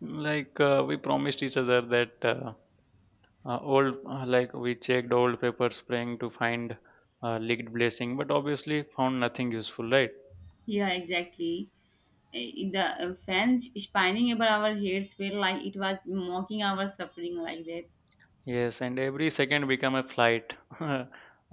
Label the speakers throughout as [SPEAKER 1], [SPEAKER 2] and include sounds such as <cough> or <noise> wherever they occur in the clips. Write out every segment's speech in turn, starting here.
[SPEAKER 1] We promised each other that like we checked old paper spraying to find leaked blessing, but obviously found nothing useful, right?
[SPEAKER 2] Yeah, exactly. The fans spinning above our heads felt like it was mocking our suffering like that.
[SPEAKER 1] Yes, and every second become a flight, <laughs>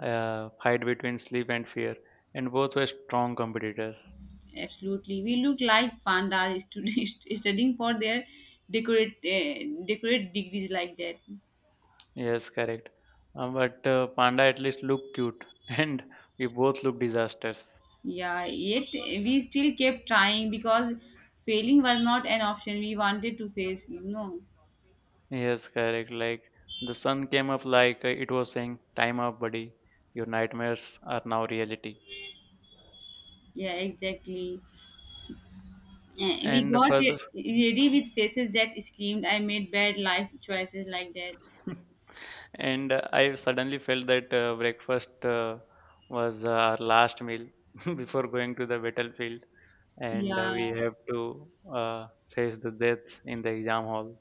[SPEAKER 1] fight between sleep and fear, and both were strong competitors.
[SPEAKER 2] Absolutely. We looked like <laughs> studying for their decorate degrees like that.
[SPEAKER 1] Yes, correct. But Panda at least looked cute, <laughs> and we both looked disasters.
[SPEAKER 2] Yeah, yet we still kept trying because failing was not an option we wanted to face, you know.
[SPEAKER 1] Yes, correct. Like the sun came up like it was saying, "Time up, buddy. Your nightmares are now reality."
[SPEAKER 2] Yeah, exactly. We
[SPEAKER 1] And
[SPEAKER 2] got
[SPEAKER 1] further,
[SPEAKER 2] re- ready with faces that screamed, I made bad life choices like that.
[SPEAKER 1] <laughs> and I suddenly felt that breakfast was our last meal <laughs> before going to the battlefield, and
[SPEAKER 2] Yeah.
[SPEAKER 1] we have to face the death in the exam hall.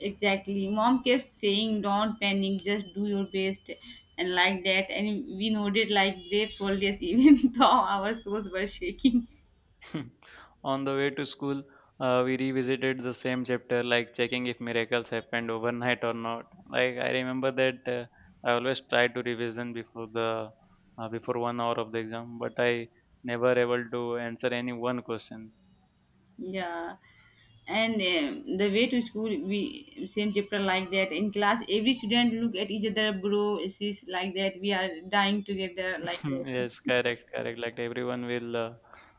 [SPEAKER 2] Exactly. Mom kept saying, "Don't panic, just do your best," and like that. And we nodded like brave soldiers, <laughs> even though our souls were shaking.
[SPEAKER 1] <laughs> On the way to school, we revisited the same chapter, like checking if miracles happened overnight or not. Like I remember that I always try to revision before the before 1 hour of the exam, but I never able to answer any one question.
[SPEAKER 2] Yeah. And the way to school, we same chapter like that. In class, every student look at each other, bro, sis, like that. We are dying together,
[SPEAKER 1] <laughs>
[SPEAKER 2] like
[SPEAKER 1] Hmm,
[SPEAKER 2] that.
[SPEAKER 1] yes, correct, correct. Like everyone will uh,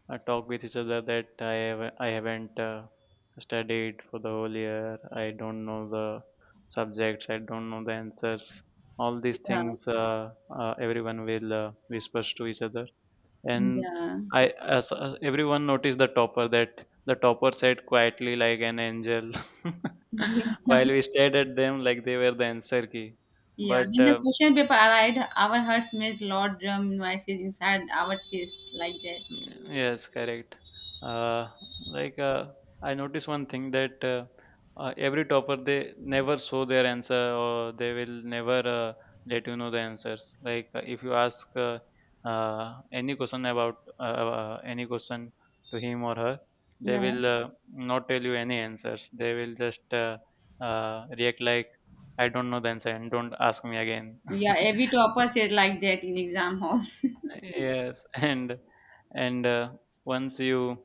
[SPEAKER 1] uh, talk with each other that I haven't studied for the whole year. I don't know the subjects. I don't know the answers. All these
[SPEAKER 2] Yeah.
[SPEAKER 1] things everyone will whispers to each other. And
[SPEAKER 2] Yeah.
[SPEAKER 1] I Everyone noticed the topper that the topper sat quietly like an angel, <laughs>
[SPEAKER 2] Yeah.
[SPEAKER 1] while we stared at them like they were the answer key.
[SPEAKER 2] Yeah.
[SPEAKER 1] But
[SPEAKER 2] When the question paper arrived, our hearts made loud drum noises inside our chest, like that.
[SPEAKER 1] Yes, correct. Uh, like uh, I noticed one thing that every topper they never show their answer or they will never let you know the answers. Like if you ask any question about any question to him or her, they
[SPEAKER 2] Yeah.
[SPEAKER 1] will not tell you any answers. They will just react like I don't know the answer and don't ask me again.
[SPEAKER 2] Yeah, every
[SPEAKER 1] <laughs>
[SPEAKER 2] topper said like that in exam halls.
[SPEAKER 1] Yes, and once you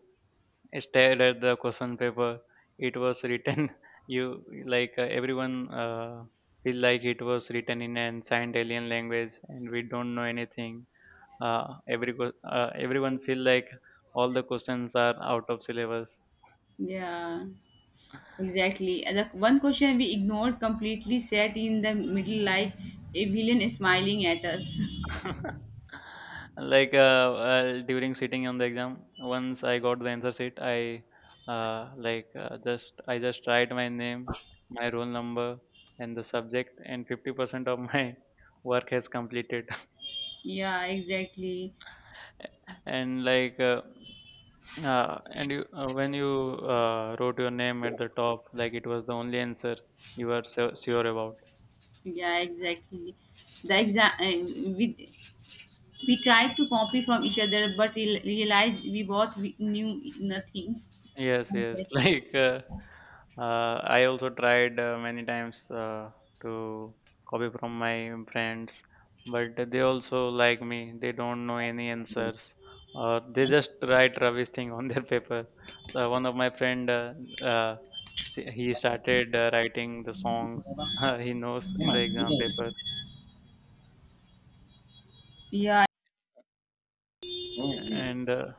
[SPEAKER 1] stare at the question paper. It was written. <laughs> You like Everyone feel like it was written in an signed alien language, and we don't know anything. Everyone feel like all the questions are out of syllabus.
[SPEAKER 2] <laughs> Yeah, exactly. And the one question we ignored completely sat in the middle like a villain smiling at us.
[SPEAKER 1] <laughs> like uh, During sitting on the exam, once I got the answer sheet, I just write my name, my roll number, and the subject, and 50% of my <laughs> work has completed
[SPEAKER 2] <laughs> Yeah, exactly.
[SPEAKER 1] and like and you when you wrote your name at the top like it was the only answer you were so sure about.
[SPEAKER 2] Yeah, exactly. The exam, we tried to copy from each other, but realized we both we knew nothing.
[SPEAKER 1] Yes,
[SPEAKER 2] Okay.
[SPEAKER 1] yes. <laughs> I also tried many times to copy from my friends, but they also like me. They don't know any answers, or they just write rubbish thing on <laughs> their paper. So one of my friend, uh, he started writing the songs <laughs> he knows in the exam paper,
[SPEAKER 2] Yeah.
[SPEAKER 1] and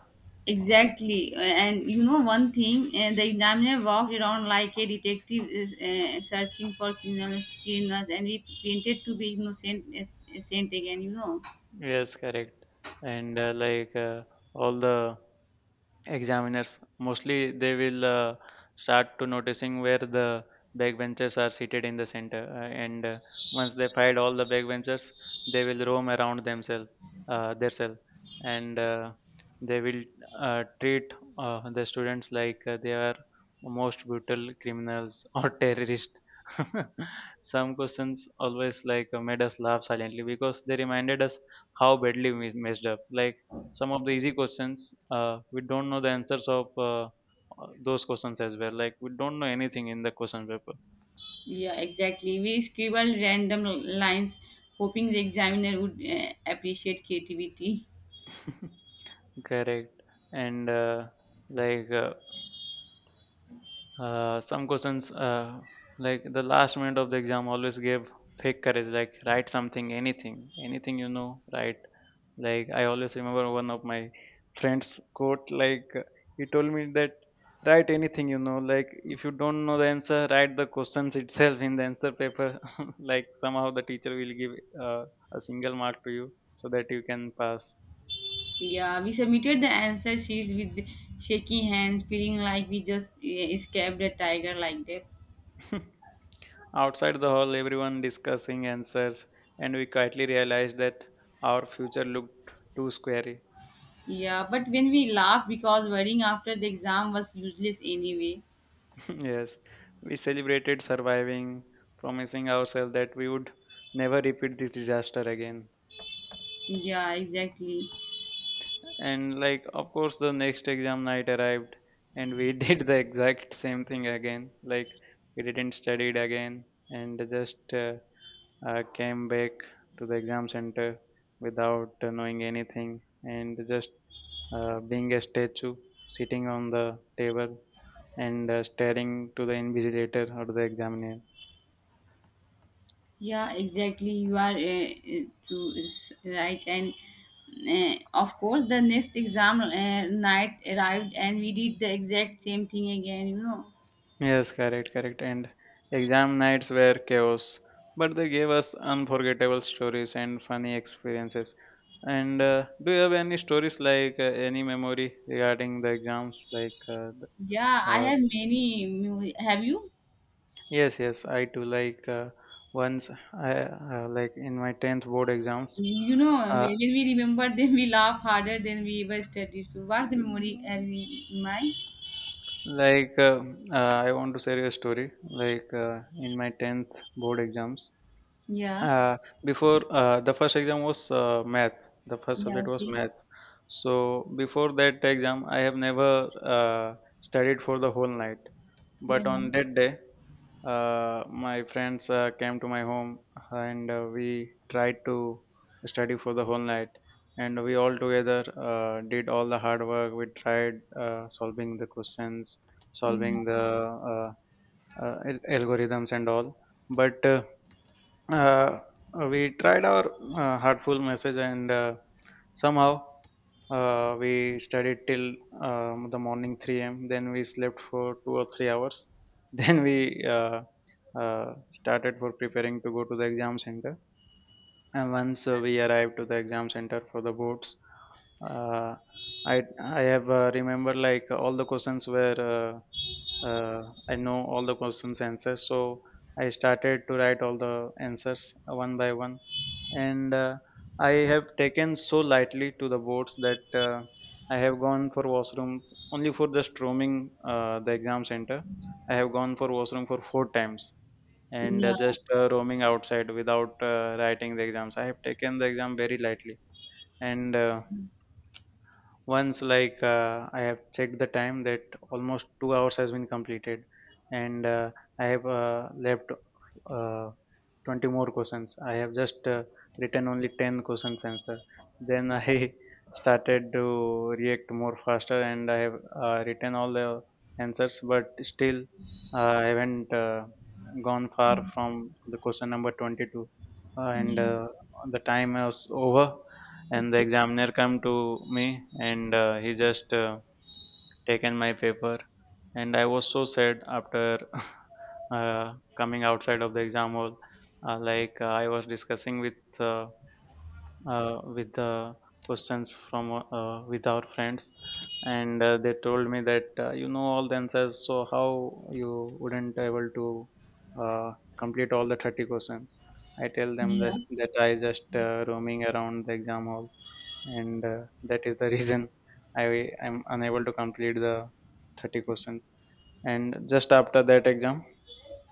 [SPEAKER 2] Exactly, and you know one thing, the examiner walked around like a detective is searching for criminals, criminals, and we pretended to be innocent, as saint again. You know,
[SPEAKER 1] yes, correct. And all the examiners mostly they will start to noticing where the backbenchers are seated in the center and once they find all the backbenchers they will roam around themselves their self and they will treat the students like they are most brutal criminals <laughs> or terrorists. <laughs> Some questions always made us laugh silently because they reminded us how badly we messed up like some of the easy questions we don't know the answers of those questions as well like we don't know anything in the question paper.
[SPEAKER 2] yeah, exactly. We scribbled random lines, hoping the examiner would appreciate creativity.
[SPEAKER 1] <laughs> Correct, and like uh, some questions like the last minute of the exam always gave fake courage like write something, anything, anything. Write, like I always remember one of my friends quote like he told me that write anything you know like if you don't know the answer write the questions itself in the answer paper. <laughs> Like somehow the teacher will give uh, a single mark to you so that you can pass.
[SPEAKER 2] Yeah, we submitted the answer sheets with shaky hands, feeling like we just escaped a tiger like that.
[SPEAKER 1] <laughs> Outside the hall everyone discussing answers and we quietly realized that our future looked too scary.
[SPEAKER 2] Yeah, but when we laughed because worrying after the exam was useless anyway.
[SPEAKER 1] <laughs> Yes, we celebrated surviving, promising ourselves that we would never repeat this disaster again.
[SPEAKER 2] Yeah, exactly.
[SPEAKER 1] And like, of course, the next exam night arrived, and we <laughs> did the exact same thing again. Like, we didn't study it again, and just came back to the exam center without knowing anything, and just being a statue, sitting on the table and staring to the invigilator or the examiner.
[SPEAKER 2] Yeah, exactly. You are to is right, and of course, the next exam night arrived, and we did the exact same thing again. You know.
[SPEAKER 1] Yes, correct, correct. And exam nights were chaos, but they gave us unforgettable stories and funny experiences. And do you have any stories like any memory regarding the exams?
[SPEAKER 2] Yeah, I
[SPEAKER 1] Uh,
[SPEAKER 2] have many. Have you?
[SPEAKER 1] yes, yes, I too. Once, I like in my tenth board exams.
[SPEAKER 2] You know, when
[SPEAKER 1] Uh,
[SPEAKER 2] we remember, <laughs> then we laugh harder than we ever studied. So, what's the memory have you in mind?
[SPEAKER 1] like uh, I want to share a story. In my tenth board exams,
[SPEAKER 2] Yeah.
[SPEAKER 1] uh, before the first exam was math the first
[SPEAKER 2] Yeah.
[SPEAKER 1] subject was
[SPEAKER 2] Okay.
[SPEAKER 1] math. So before that exam I have never studied for the whole night,
[SPEAKER 2] Yeah.
[SPEAKER 1] but on that day my friends came to my home and we tried to study for the whole night, and we all together did all the hard work. We tried solving the questions, solving
[SPEAKER 2] Yeah.
[SPEAKER 1] the uh, algorithms and all. But uh, we tried our heartful message, and somehow we studied till the morning 3 a.m. Then we slept for 2 or 3 hours. <laughs> Then we started for preparing to go to the exam center. And once we arrived to the exam center for the boards, uh, I have remember like all the questions were uh, I know all the questions answers. So I started to write all the answers one by one, and I have taken so lightly to the boards that I have gone for washroom only for just roaming the exam center. I have gone for washroom for four times and
[SPEAKER 2] Yeah.
[SPEAKER 1] just roaming outside without writing the exams. I have taken the exam very lightly. And. Once like I have checked the time that almost 2 hours has been completed, and I have left uh, 20 more questions. I have just written only 10 questions answer, then I <laughs> started to react more faster and I have written all the answers, but still I haven't gone far from the question number 22. And
[SPEAKER 2] Yeah.
[SPEAKER 1] The time is over and the
[SPEAKER 2] Okay.
[SPEAKER 1] examiner come to me and he just taken my paper, and I was so sad after <laughs> coming outside of the exam hall. I was discussing with the questions from with our friends and they told me that you know all the answers so how you wouldn't able to uh, complete all the 30 questions. I tell them
[SPEAKER 2] Yeah.
[SPEAKER 1] that, that I just roaming around the exam hall and that is the <laughs> reason I am unable to complete the 30 questions. And just after that exam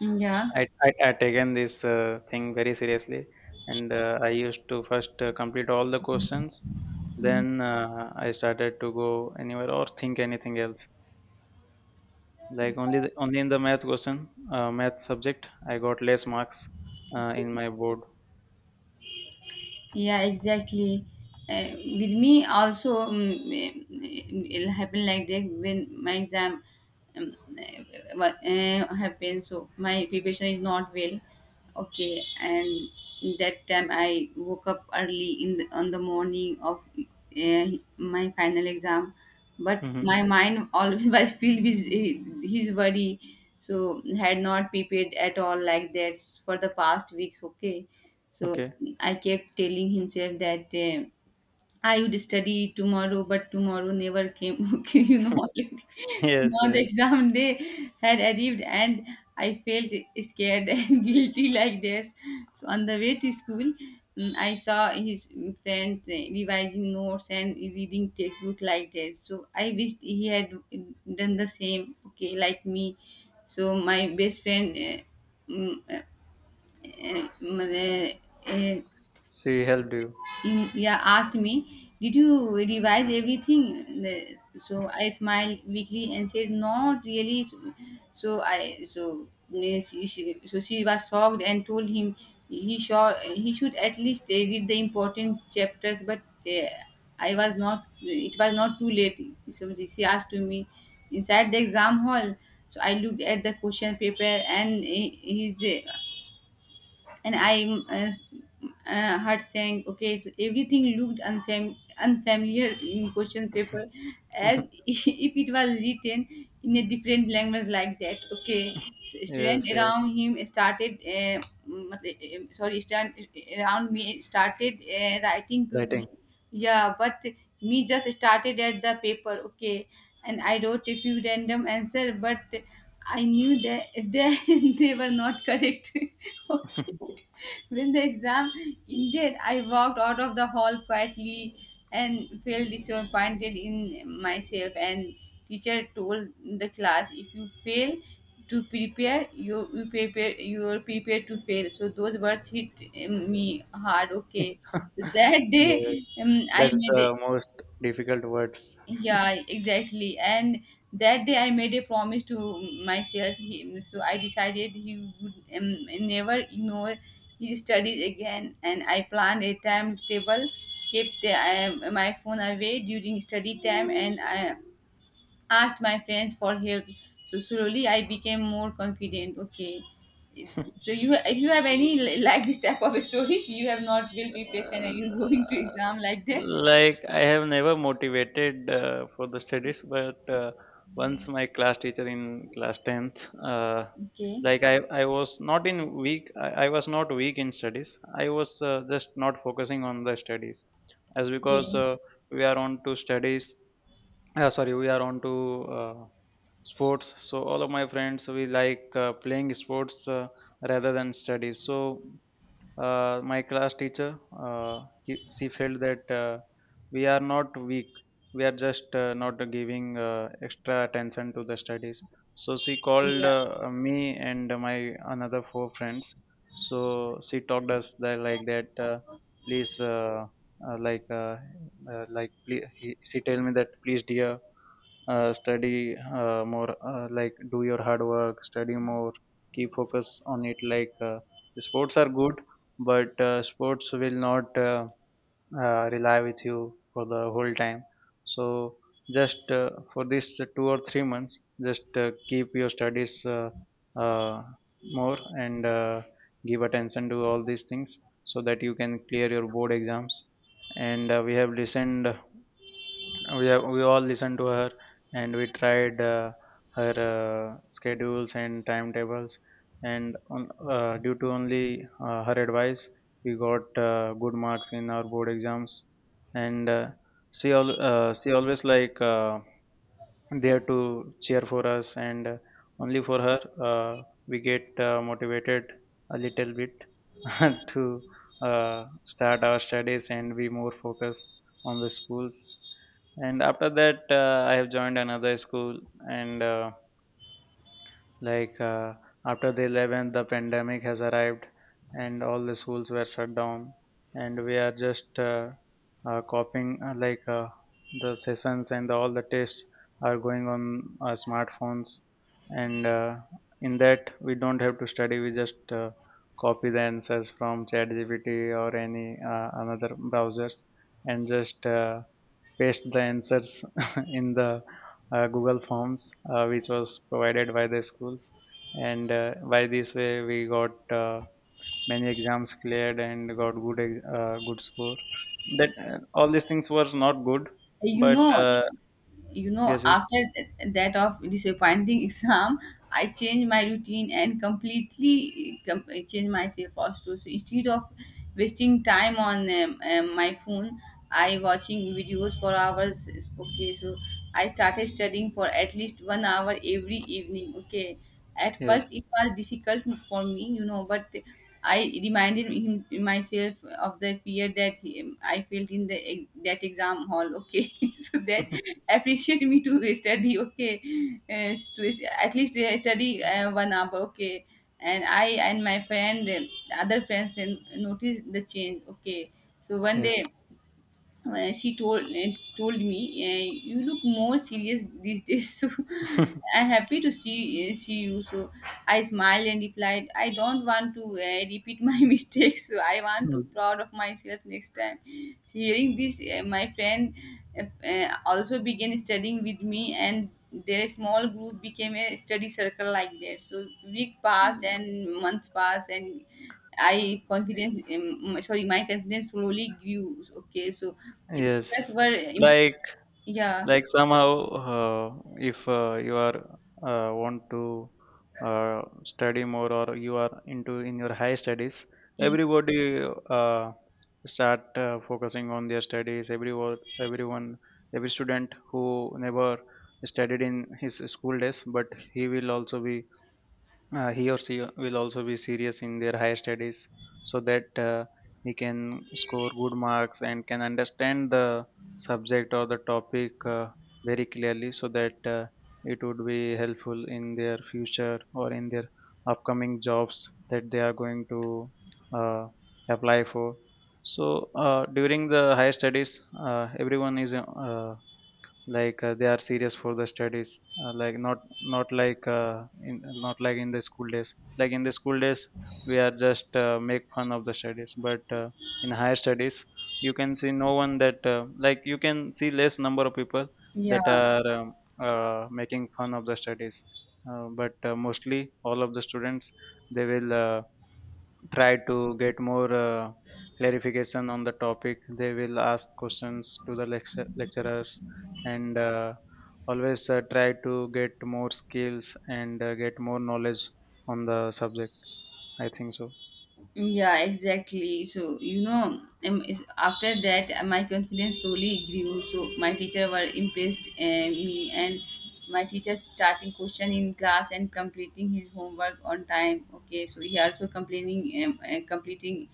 [SPEAKER 2] Yeah.
[SPEAKER 1] I taken this thing very seriously, and I used to first complete all the questions, then I started to go anywhere or think anything else. Like only the, only in the math question math subject I got less marks in my board.
[SPEAKER 2] Yeah, exactly. With me also, it'll happen like that when my exam um, uh, happens. So my preparation is not well. Okay, and that time I woke up early in on the morning of my final exam, but
[SPEAKER 1] Mm-hmm.
[SPEAKER 2] my mind always <laughs> was filled with his worry. So had not prepared at all like that for the past weeks. Okay, so
[SPEAKER 1] Okay.
[SPEAKER 2] I kept telling himself that I would study tomorrow, but tomorrow never came. <laughs> Okay, you know, already <laughs>
[SPEAKER 1] <laughs> Yes,
[SPEAKER 2] now the
[SPEAKER 1] yes.
[SPEAKER 2] exam day had arrived, and I felt scared <laughs> and guilty like this. So on the way to school, I saw his friends revising notes and reading textbook like that. So I wished he had done the same. Okay, like me. So my best friend. Uh, mm, uh, uh,
[SPEAKER 1] She helped you.
[SPEAKER 2] yeah, asked me, Did you revise everything? So I smiled weakly and said, Not really. So, so I so eh, she- so she was shocked and told him he should he should at least read the important chapters. But I was not. It was not too late. So she asked to me inside the exam hall. So I looked at the question paper and eh, his eh, and I heart saying, okay, so everything looked unfamiliar in question paper as
[SPEAKER 1] <laughs>
[SPEAKER 2] <laughs> if it was written in a different language like that. Okay, so student
[SPEAKER 1] Yes, yes.
[SPEAKER 2] around him started, matlab- eh, sorry, student around me started writing
[SPEAKER 1] Writing.
[SPEAKER 2] quickly. Yeah, but me just started at the paper. Okay, and I wrote a few random answer, but I knew that <laughs> they were not correct. <laughs>
[SPEAKER 1] <laughs>
[SPEAKER 2] When the exam ended, I walked out of the hall quietly and felt disappointed in myself. And teacher told the class, if you fail to prepare, you are prepared to fail. So those words hit me hard. Okay, so that <laughs> day
[SPEAKER 1] Yes,
[SPEAKER 2] I
[SPEAKER 1] that's
[SPEAKER 2] made
[SPEAKER 1] the most difficult words.
[SPEAKER 2] yeah, exactly. And that day I made a promise to myself. So I decided he would never ignore his studies again. And I planned a timetable, kept my phone away during study time, and I asked my friends for help. So slowly I became more confident. Okay.
[SPEAKER 1] <laughs>
[SPEAKER 2] So you, if you have any like this type of a story, <laughs> you have not well prepared
[SPEAKER 1] Uh,
[SPEAKER 2] and you're <laughs> going to exam like that.
[SPEAKER 1] like I have never motivated for the studies, but once my class teacher in class tenth,
[SPEAKER 2] Okay.
[SPEAKER 1] I was not in weak. I was not weak in studies. I was just not focusing on the studies, as because
[SPEAKER 2] Yeah.
[SPEAKER 1] we are on to studies we are on to sports. So all of my friends, we like playing sports rather than studies. So my class teacher, she felt that we are not weak, we are just not giving extra attention to the studies, so she called
[SPEAKER 2] Yeah.
[SPEAKER 1] me and my another four friends. So she talked us that like that, please uh, like uh, like please, she tell me that, please dear, study more, like do your hard work, study more, keep focus on it. Sports are good, but sports will not rely with you for the whole time. So just for this 2 or 3 months, just keep your studies uh, more, and give attention to all these things so that you can clear your board exams. And we have listened, we all listened to her, and we tried her schedules and timetables, and due to only her advice we got good marks in our board exams. And she always, like, there to cheer for us, and only for her we get motivated a little bit <laughs> to start our studies and be more focused on the schools. And after that I have joined another school, and like uh, after the 11th, the pandemic has arrived and all the schools were shut down, and we are just copying, the sessions and all the tests are going on our smartphones, and in that we don't have to study. We just copy the answers from ChatGPT or any another browsers and just paste the answers <laughs> in the Google Forms, which was provided by the schools. And by this way, we got many exams cleared and got good score. That all these things were not good,
[SPEAKER 2] You
[SPEAKER 1] but
[SPEAKER 2] know, you know
[SPEAKER 1] yes, yes,
[SPEAKER 2] after that of disappointing <laughs> exam I changed my routine and completely changed myself also, so instead of wasting time on my phone I watching videos for hours. Okay, so I started studying for at least 1 hour every evening. Okay, at
[SPEAKER 1] yes,
[SPEAKER 2] first it was difficult for me, you know, but I reminded him myself of the fear that I felt in the that exam hall. Okay, <laughs> so that appreciate me to <laughs> study. Okay, at least study 1 hour. Okay, and I and my friend other friends then noticed the change. Okay, so
[SPEAKER 1] <laughs>
[SPEAKER 2] one
[SPEAKER 1] yes,
[SPEAKER 2] day she told me, you look more serious these days, <laughs> so I'm happy to see you. So I smiled and replied, I don't want to repeat my <laughs> mistakes, so I want to proud
[SPEAKER 1] <laughs>
[SPEAKER 2] of myself next time. So hearing this my friend if, also began studying with me, and their small group became a study circle like that. So week passed and months passed, and I confidence sorry my confidence slowly grew. Okay, so teachers
[SPEAKER 1] yes.
[SPEAKER 2] were impressed.
[SPEAKER 1] Like,
[SPEAKER 2] Yeah,
[SPEAKER 1] somehow, uh, if you are want to uh, study more, or you are into in your high studies, everybody uh, start focusing on their studies. Everyone, everyone every student who never studied in his school days, but he will also be, he or she will also be serious in their higher studies, so that he can score good marks and can understand the subject or the topic very clearly, so that it would be helpful in their future or in their upcoming jobs that they are going to uh, apply for. So during the higher studies everyone is, they are serious for the studies, like not like, in not like in the school days. Like in the school days we are just make fun of the studies, but in higher studies you can see no one that like you can see less number of people
[SPEAKER 2] yeah.
[SPEAKER 1] that are making fun of the studies. But mostly all of the students, they will try to get more clarification on the topic. They will ask questions to the lecturers, and always try to get more skills and get more knowledge on the subject. I think so.
[SPEAKER 2] Yeah, exactly. So, you know, after that, my confidence slowly grew. So, my teacher were impressed me, and my teacher starting question in class and completing his homework on time. Okay, so he also completing.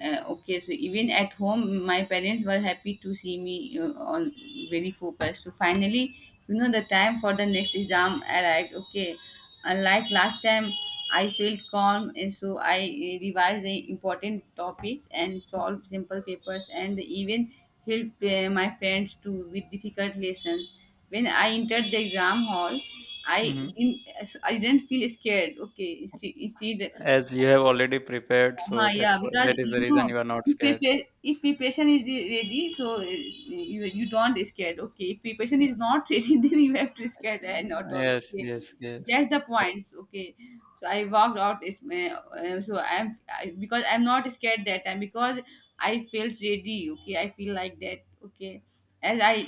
[SPEAKER 2] Okay, so even at home, my parents were happy to see me on very focused. So finally, you know, the time for the next exam arrived. Okay, unlike last time, I felt calm, and so I revised the important topics and solved simple papers, and even helped my friends to with difficult lessons. When I entered the exam hall, I
[SPEAKER 1] Hmm.
[SPEAKER 2] didn't I didn't feel scared. Okay, instead
[SPEAKER 1] As you have already prepared, so
[SPEAKER 2] uh-huh, yeah, because
[SPEAKER 1] that is the
[SPEAKER 2] you
[SPEAKER 1] reason
[SPEAKER 2] know,
[SPEAKER 1] you are not scared.
[SPEAKER 2] if preparation is ready, so you you don't scared. Okay, if preparation
[SPEAKER 1] Uh,
[SPEAKER 2] is not <laughs> ready, then you have to scared and not all.
[SPEAKER 1] Yes,
[SPEAKER 2] Okay,
[SPEAKER 1] yes, yes.
[SPEAKER 2] that's the
[SPEAKER 1] Correct.
[SPEAKER 2] points. Okay, so I walked out. So because I'm not scared that time because I felt ready. Okay, I feel like that. Okay, as I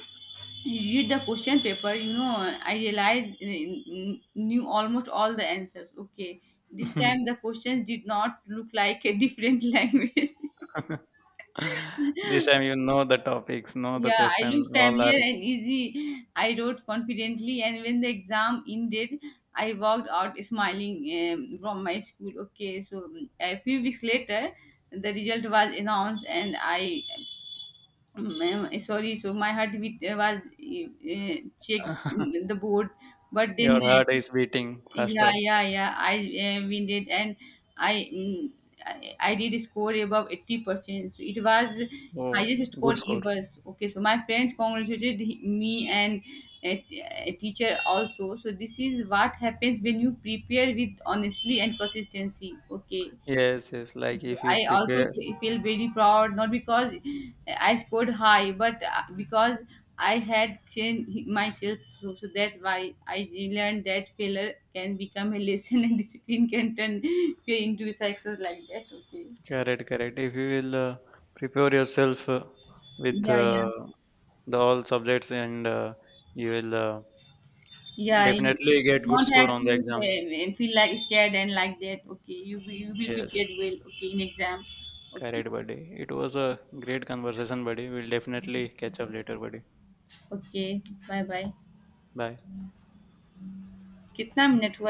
[SPEAKER 2] read the question paper, you know, I realized knew almost all the answers. Okay, this time the questions did not look like a different <laughs> language.
[SPEAKER 1] <laughs> This time you know the topics, know the
[SPEAKER 2] Yeah, I
[SPEAKER 1] question,
[SPEAKER 2] looked
[SPEAKER 1] all are.
[SPEAKER 2] familiar and easy. I wrote confidently, and when the exam ended, I walked out smiling from my school. Okay, so a few weeks later, the result was announced, and so my heartbeat was checked
[SPEAKER 1] <laughs>
[SPEAKER 2] the board, but then
[SPEAKER 1] Your heart is beating
[SPEAKER 2] yeah,
[SPEAKER 1] faster.
[SPEAKER 2] yeah, yeah. I we did, and I, mm, I did score above 80%. So it was
[SPEAKER 1] Oh,
[SPEAKER 2] highest score
[SPEAKER 1] good score.
[SPEAKER 2] ever. So, okay, so my friends congratulated me, and a, a teacher also. So this is what happens when you prepare with honestly and consistency. Okay.
[SPEAKER 1] Yes, yes. Like if you
[SPEAKER 2] I also
[SPEAKER 1] prepare,
[SPEAKER 2] feel very proud, not because I scored high, but because I had changed myself. So, so that's why I learned that failure can become a lesson <laughs> and discipline can turn fear into success like that. Okay.
[SPEAKER 1] correct, correct. If you will prepare yourself with
[SPEAKER 2] Yeah, yeah.
[SPEAKER 1] the all subjects, and you will
[SPEAKER 2] Yeah, you
[SPEAKER 1] definitely get good
[SPEAKER 2] don't
[SPEAKER 1] score
[SPEAKER 2] have
[SPEAKER 1] on
[SPEAKER 2] to
[SPEAKER 1] the exams.
[SPEAKER 2] feel like scared and like that. Okay, you will
[SPEAKER 1] Yes,
[SPEAKER 2] prepared well. Okay, in exam. Okay,
[SPEAKER 1] correct, buddy. It was a great conversation, buddy. We'll definitely catch up later, buddy.
[SPEAKER 2] okay. Bye bye.
[SPEAKER 1] Bye.
[SPEAKER 2] कितना minute हुआ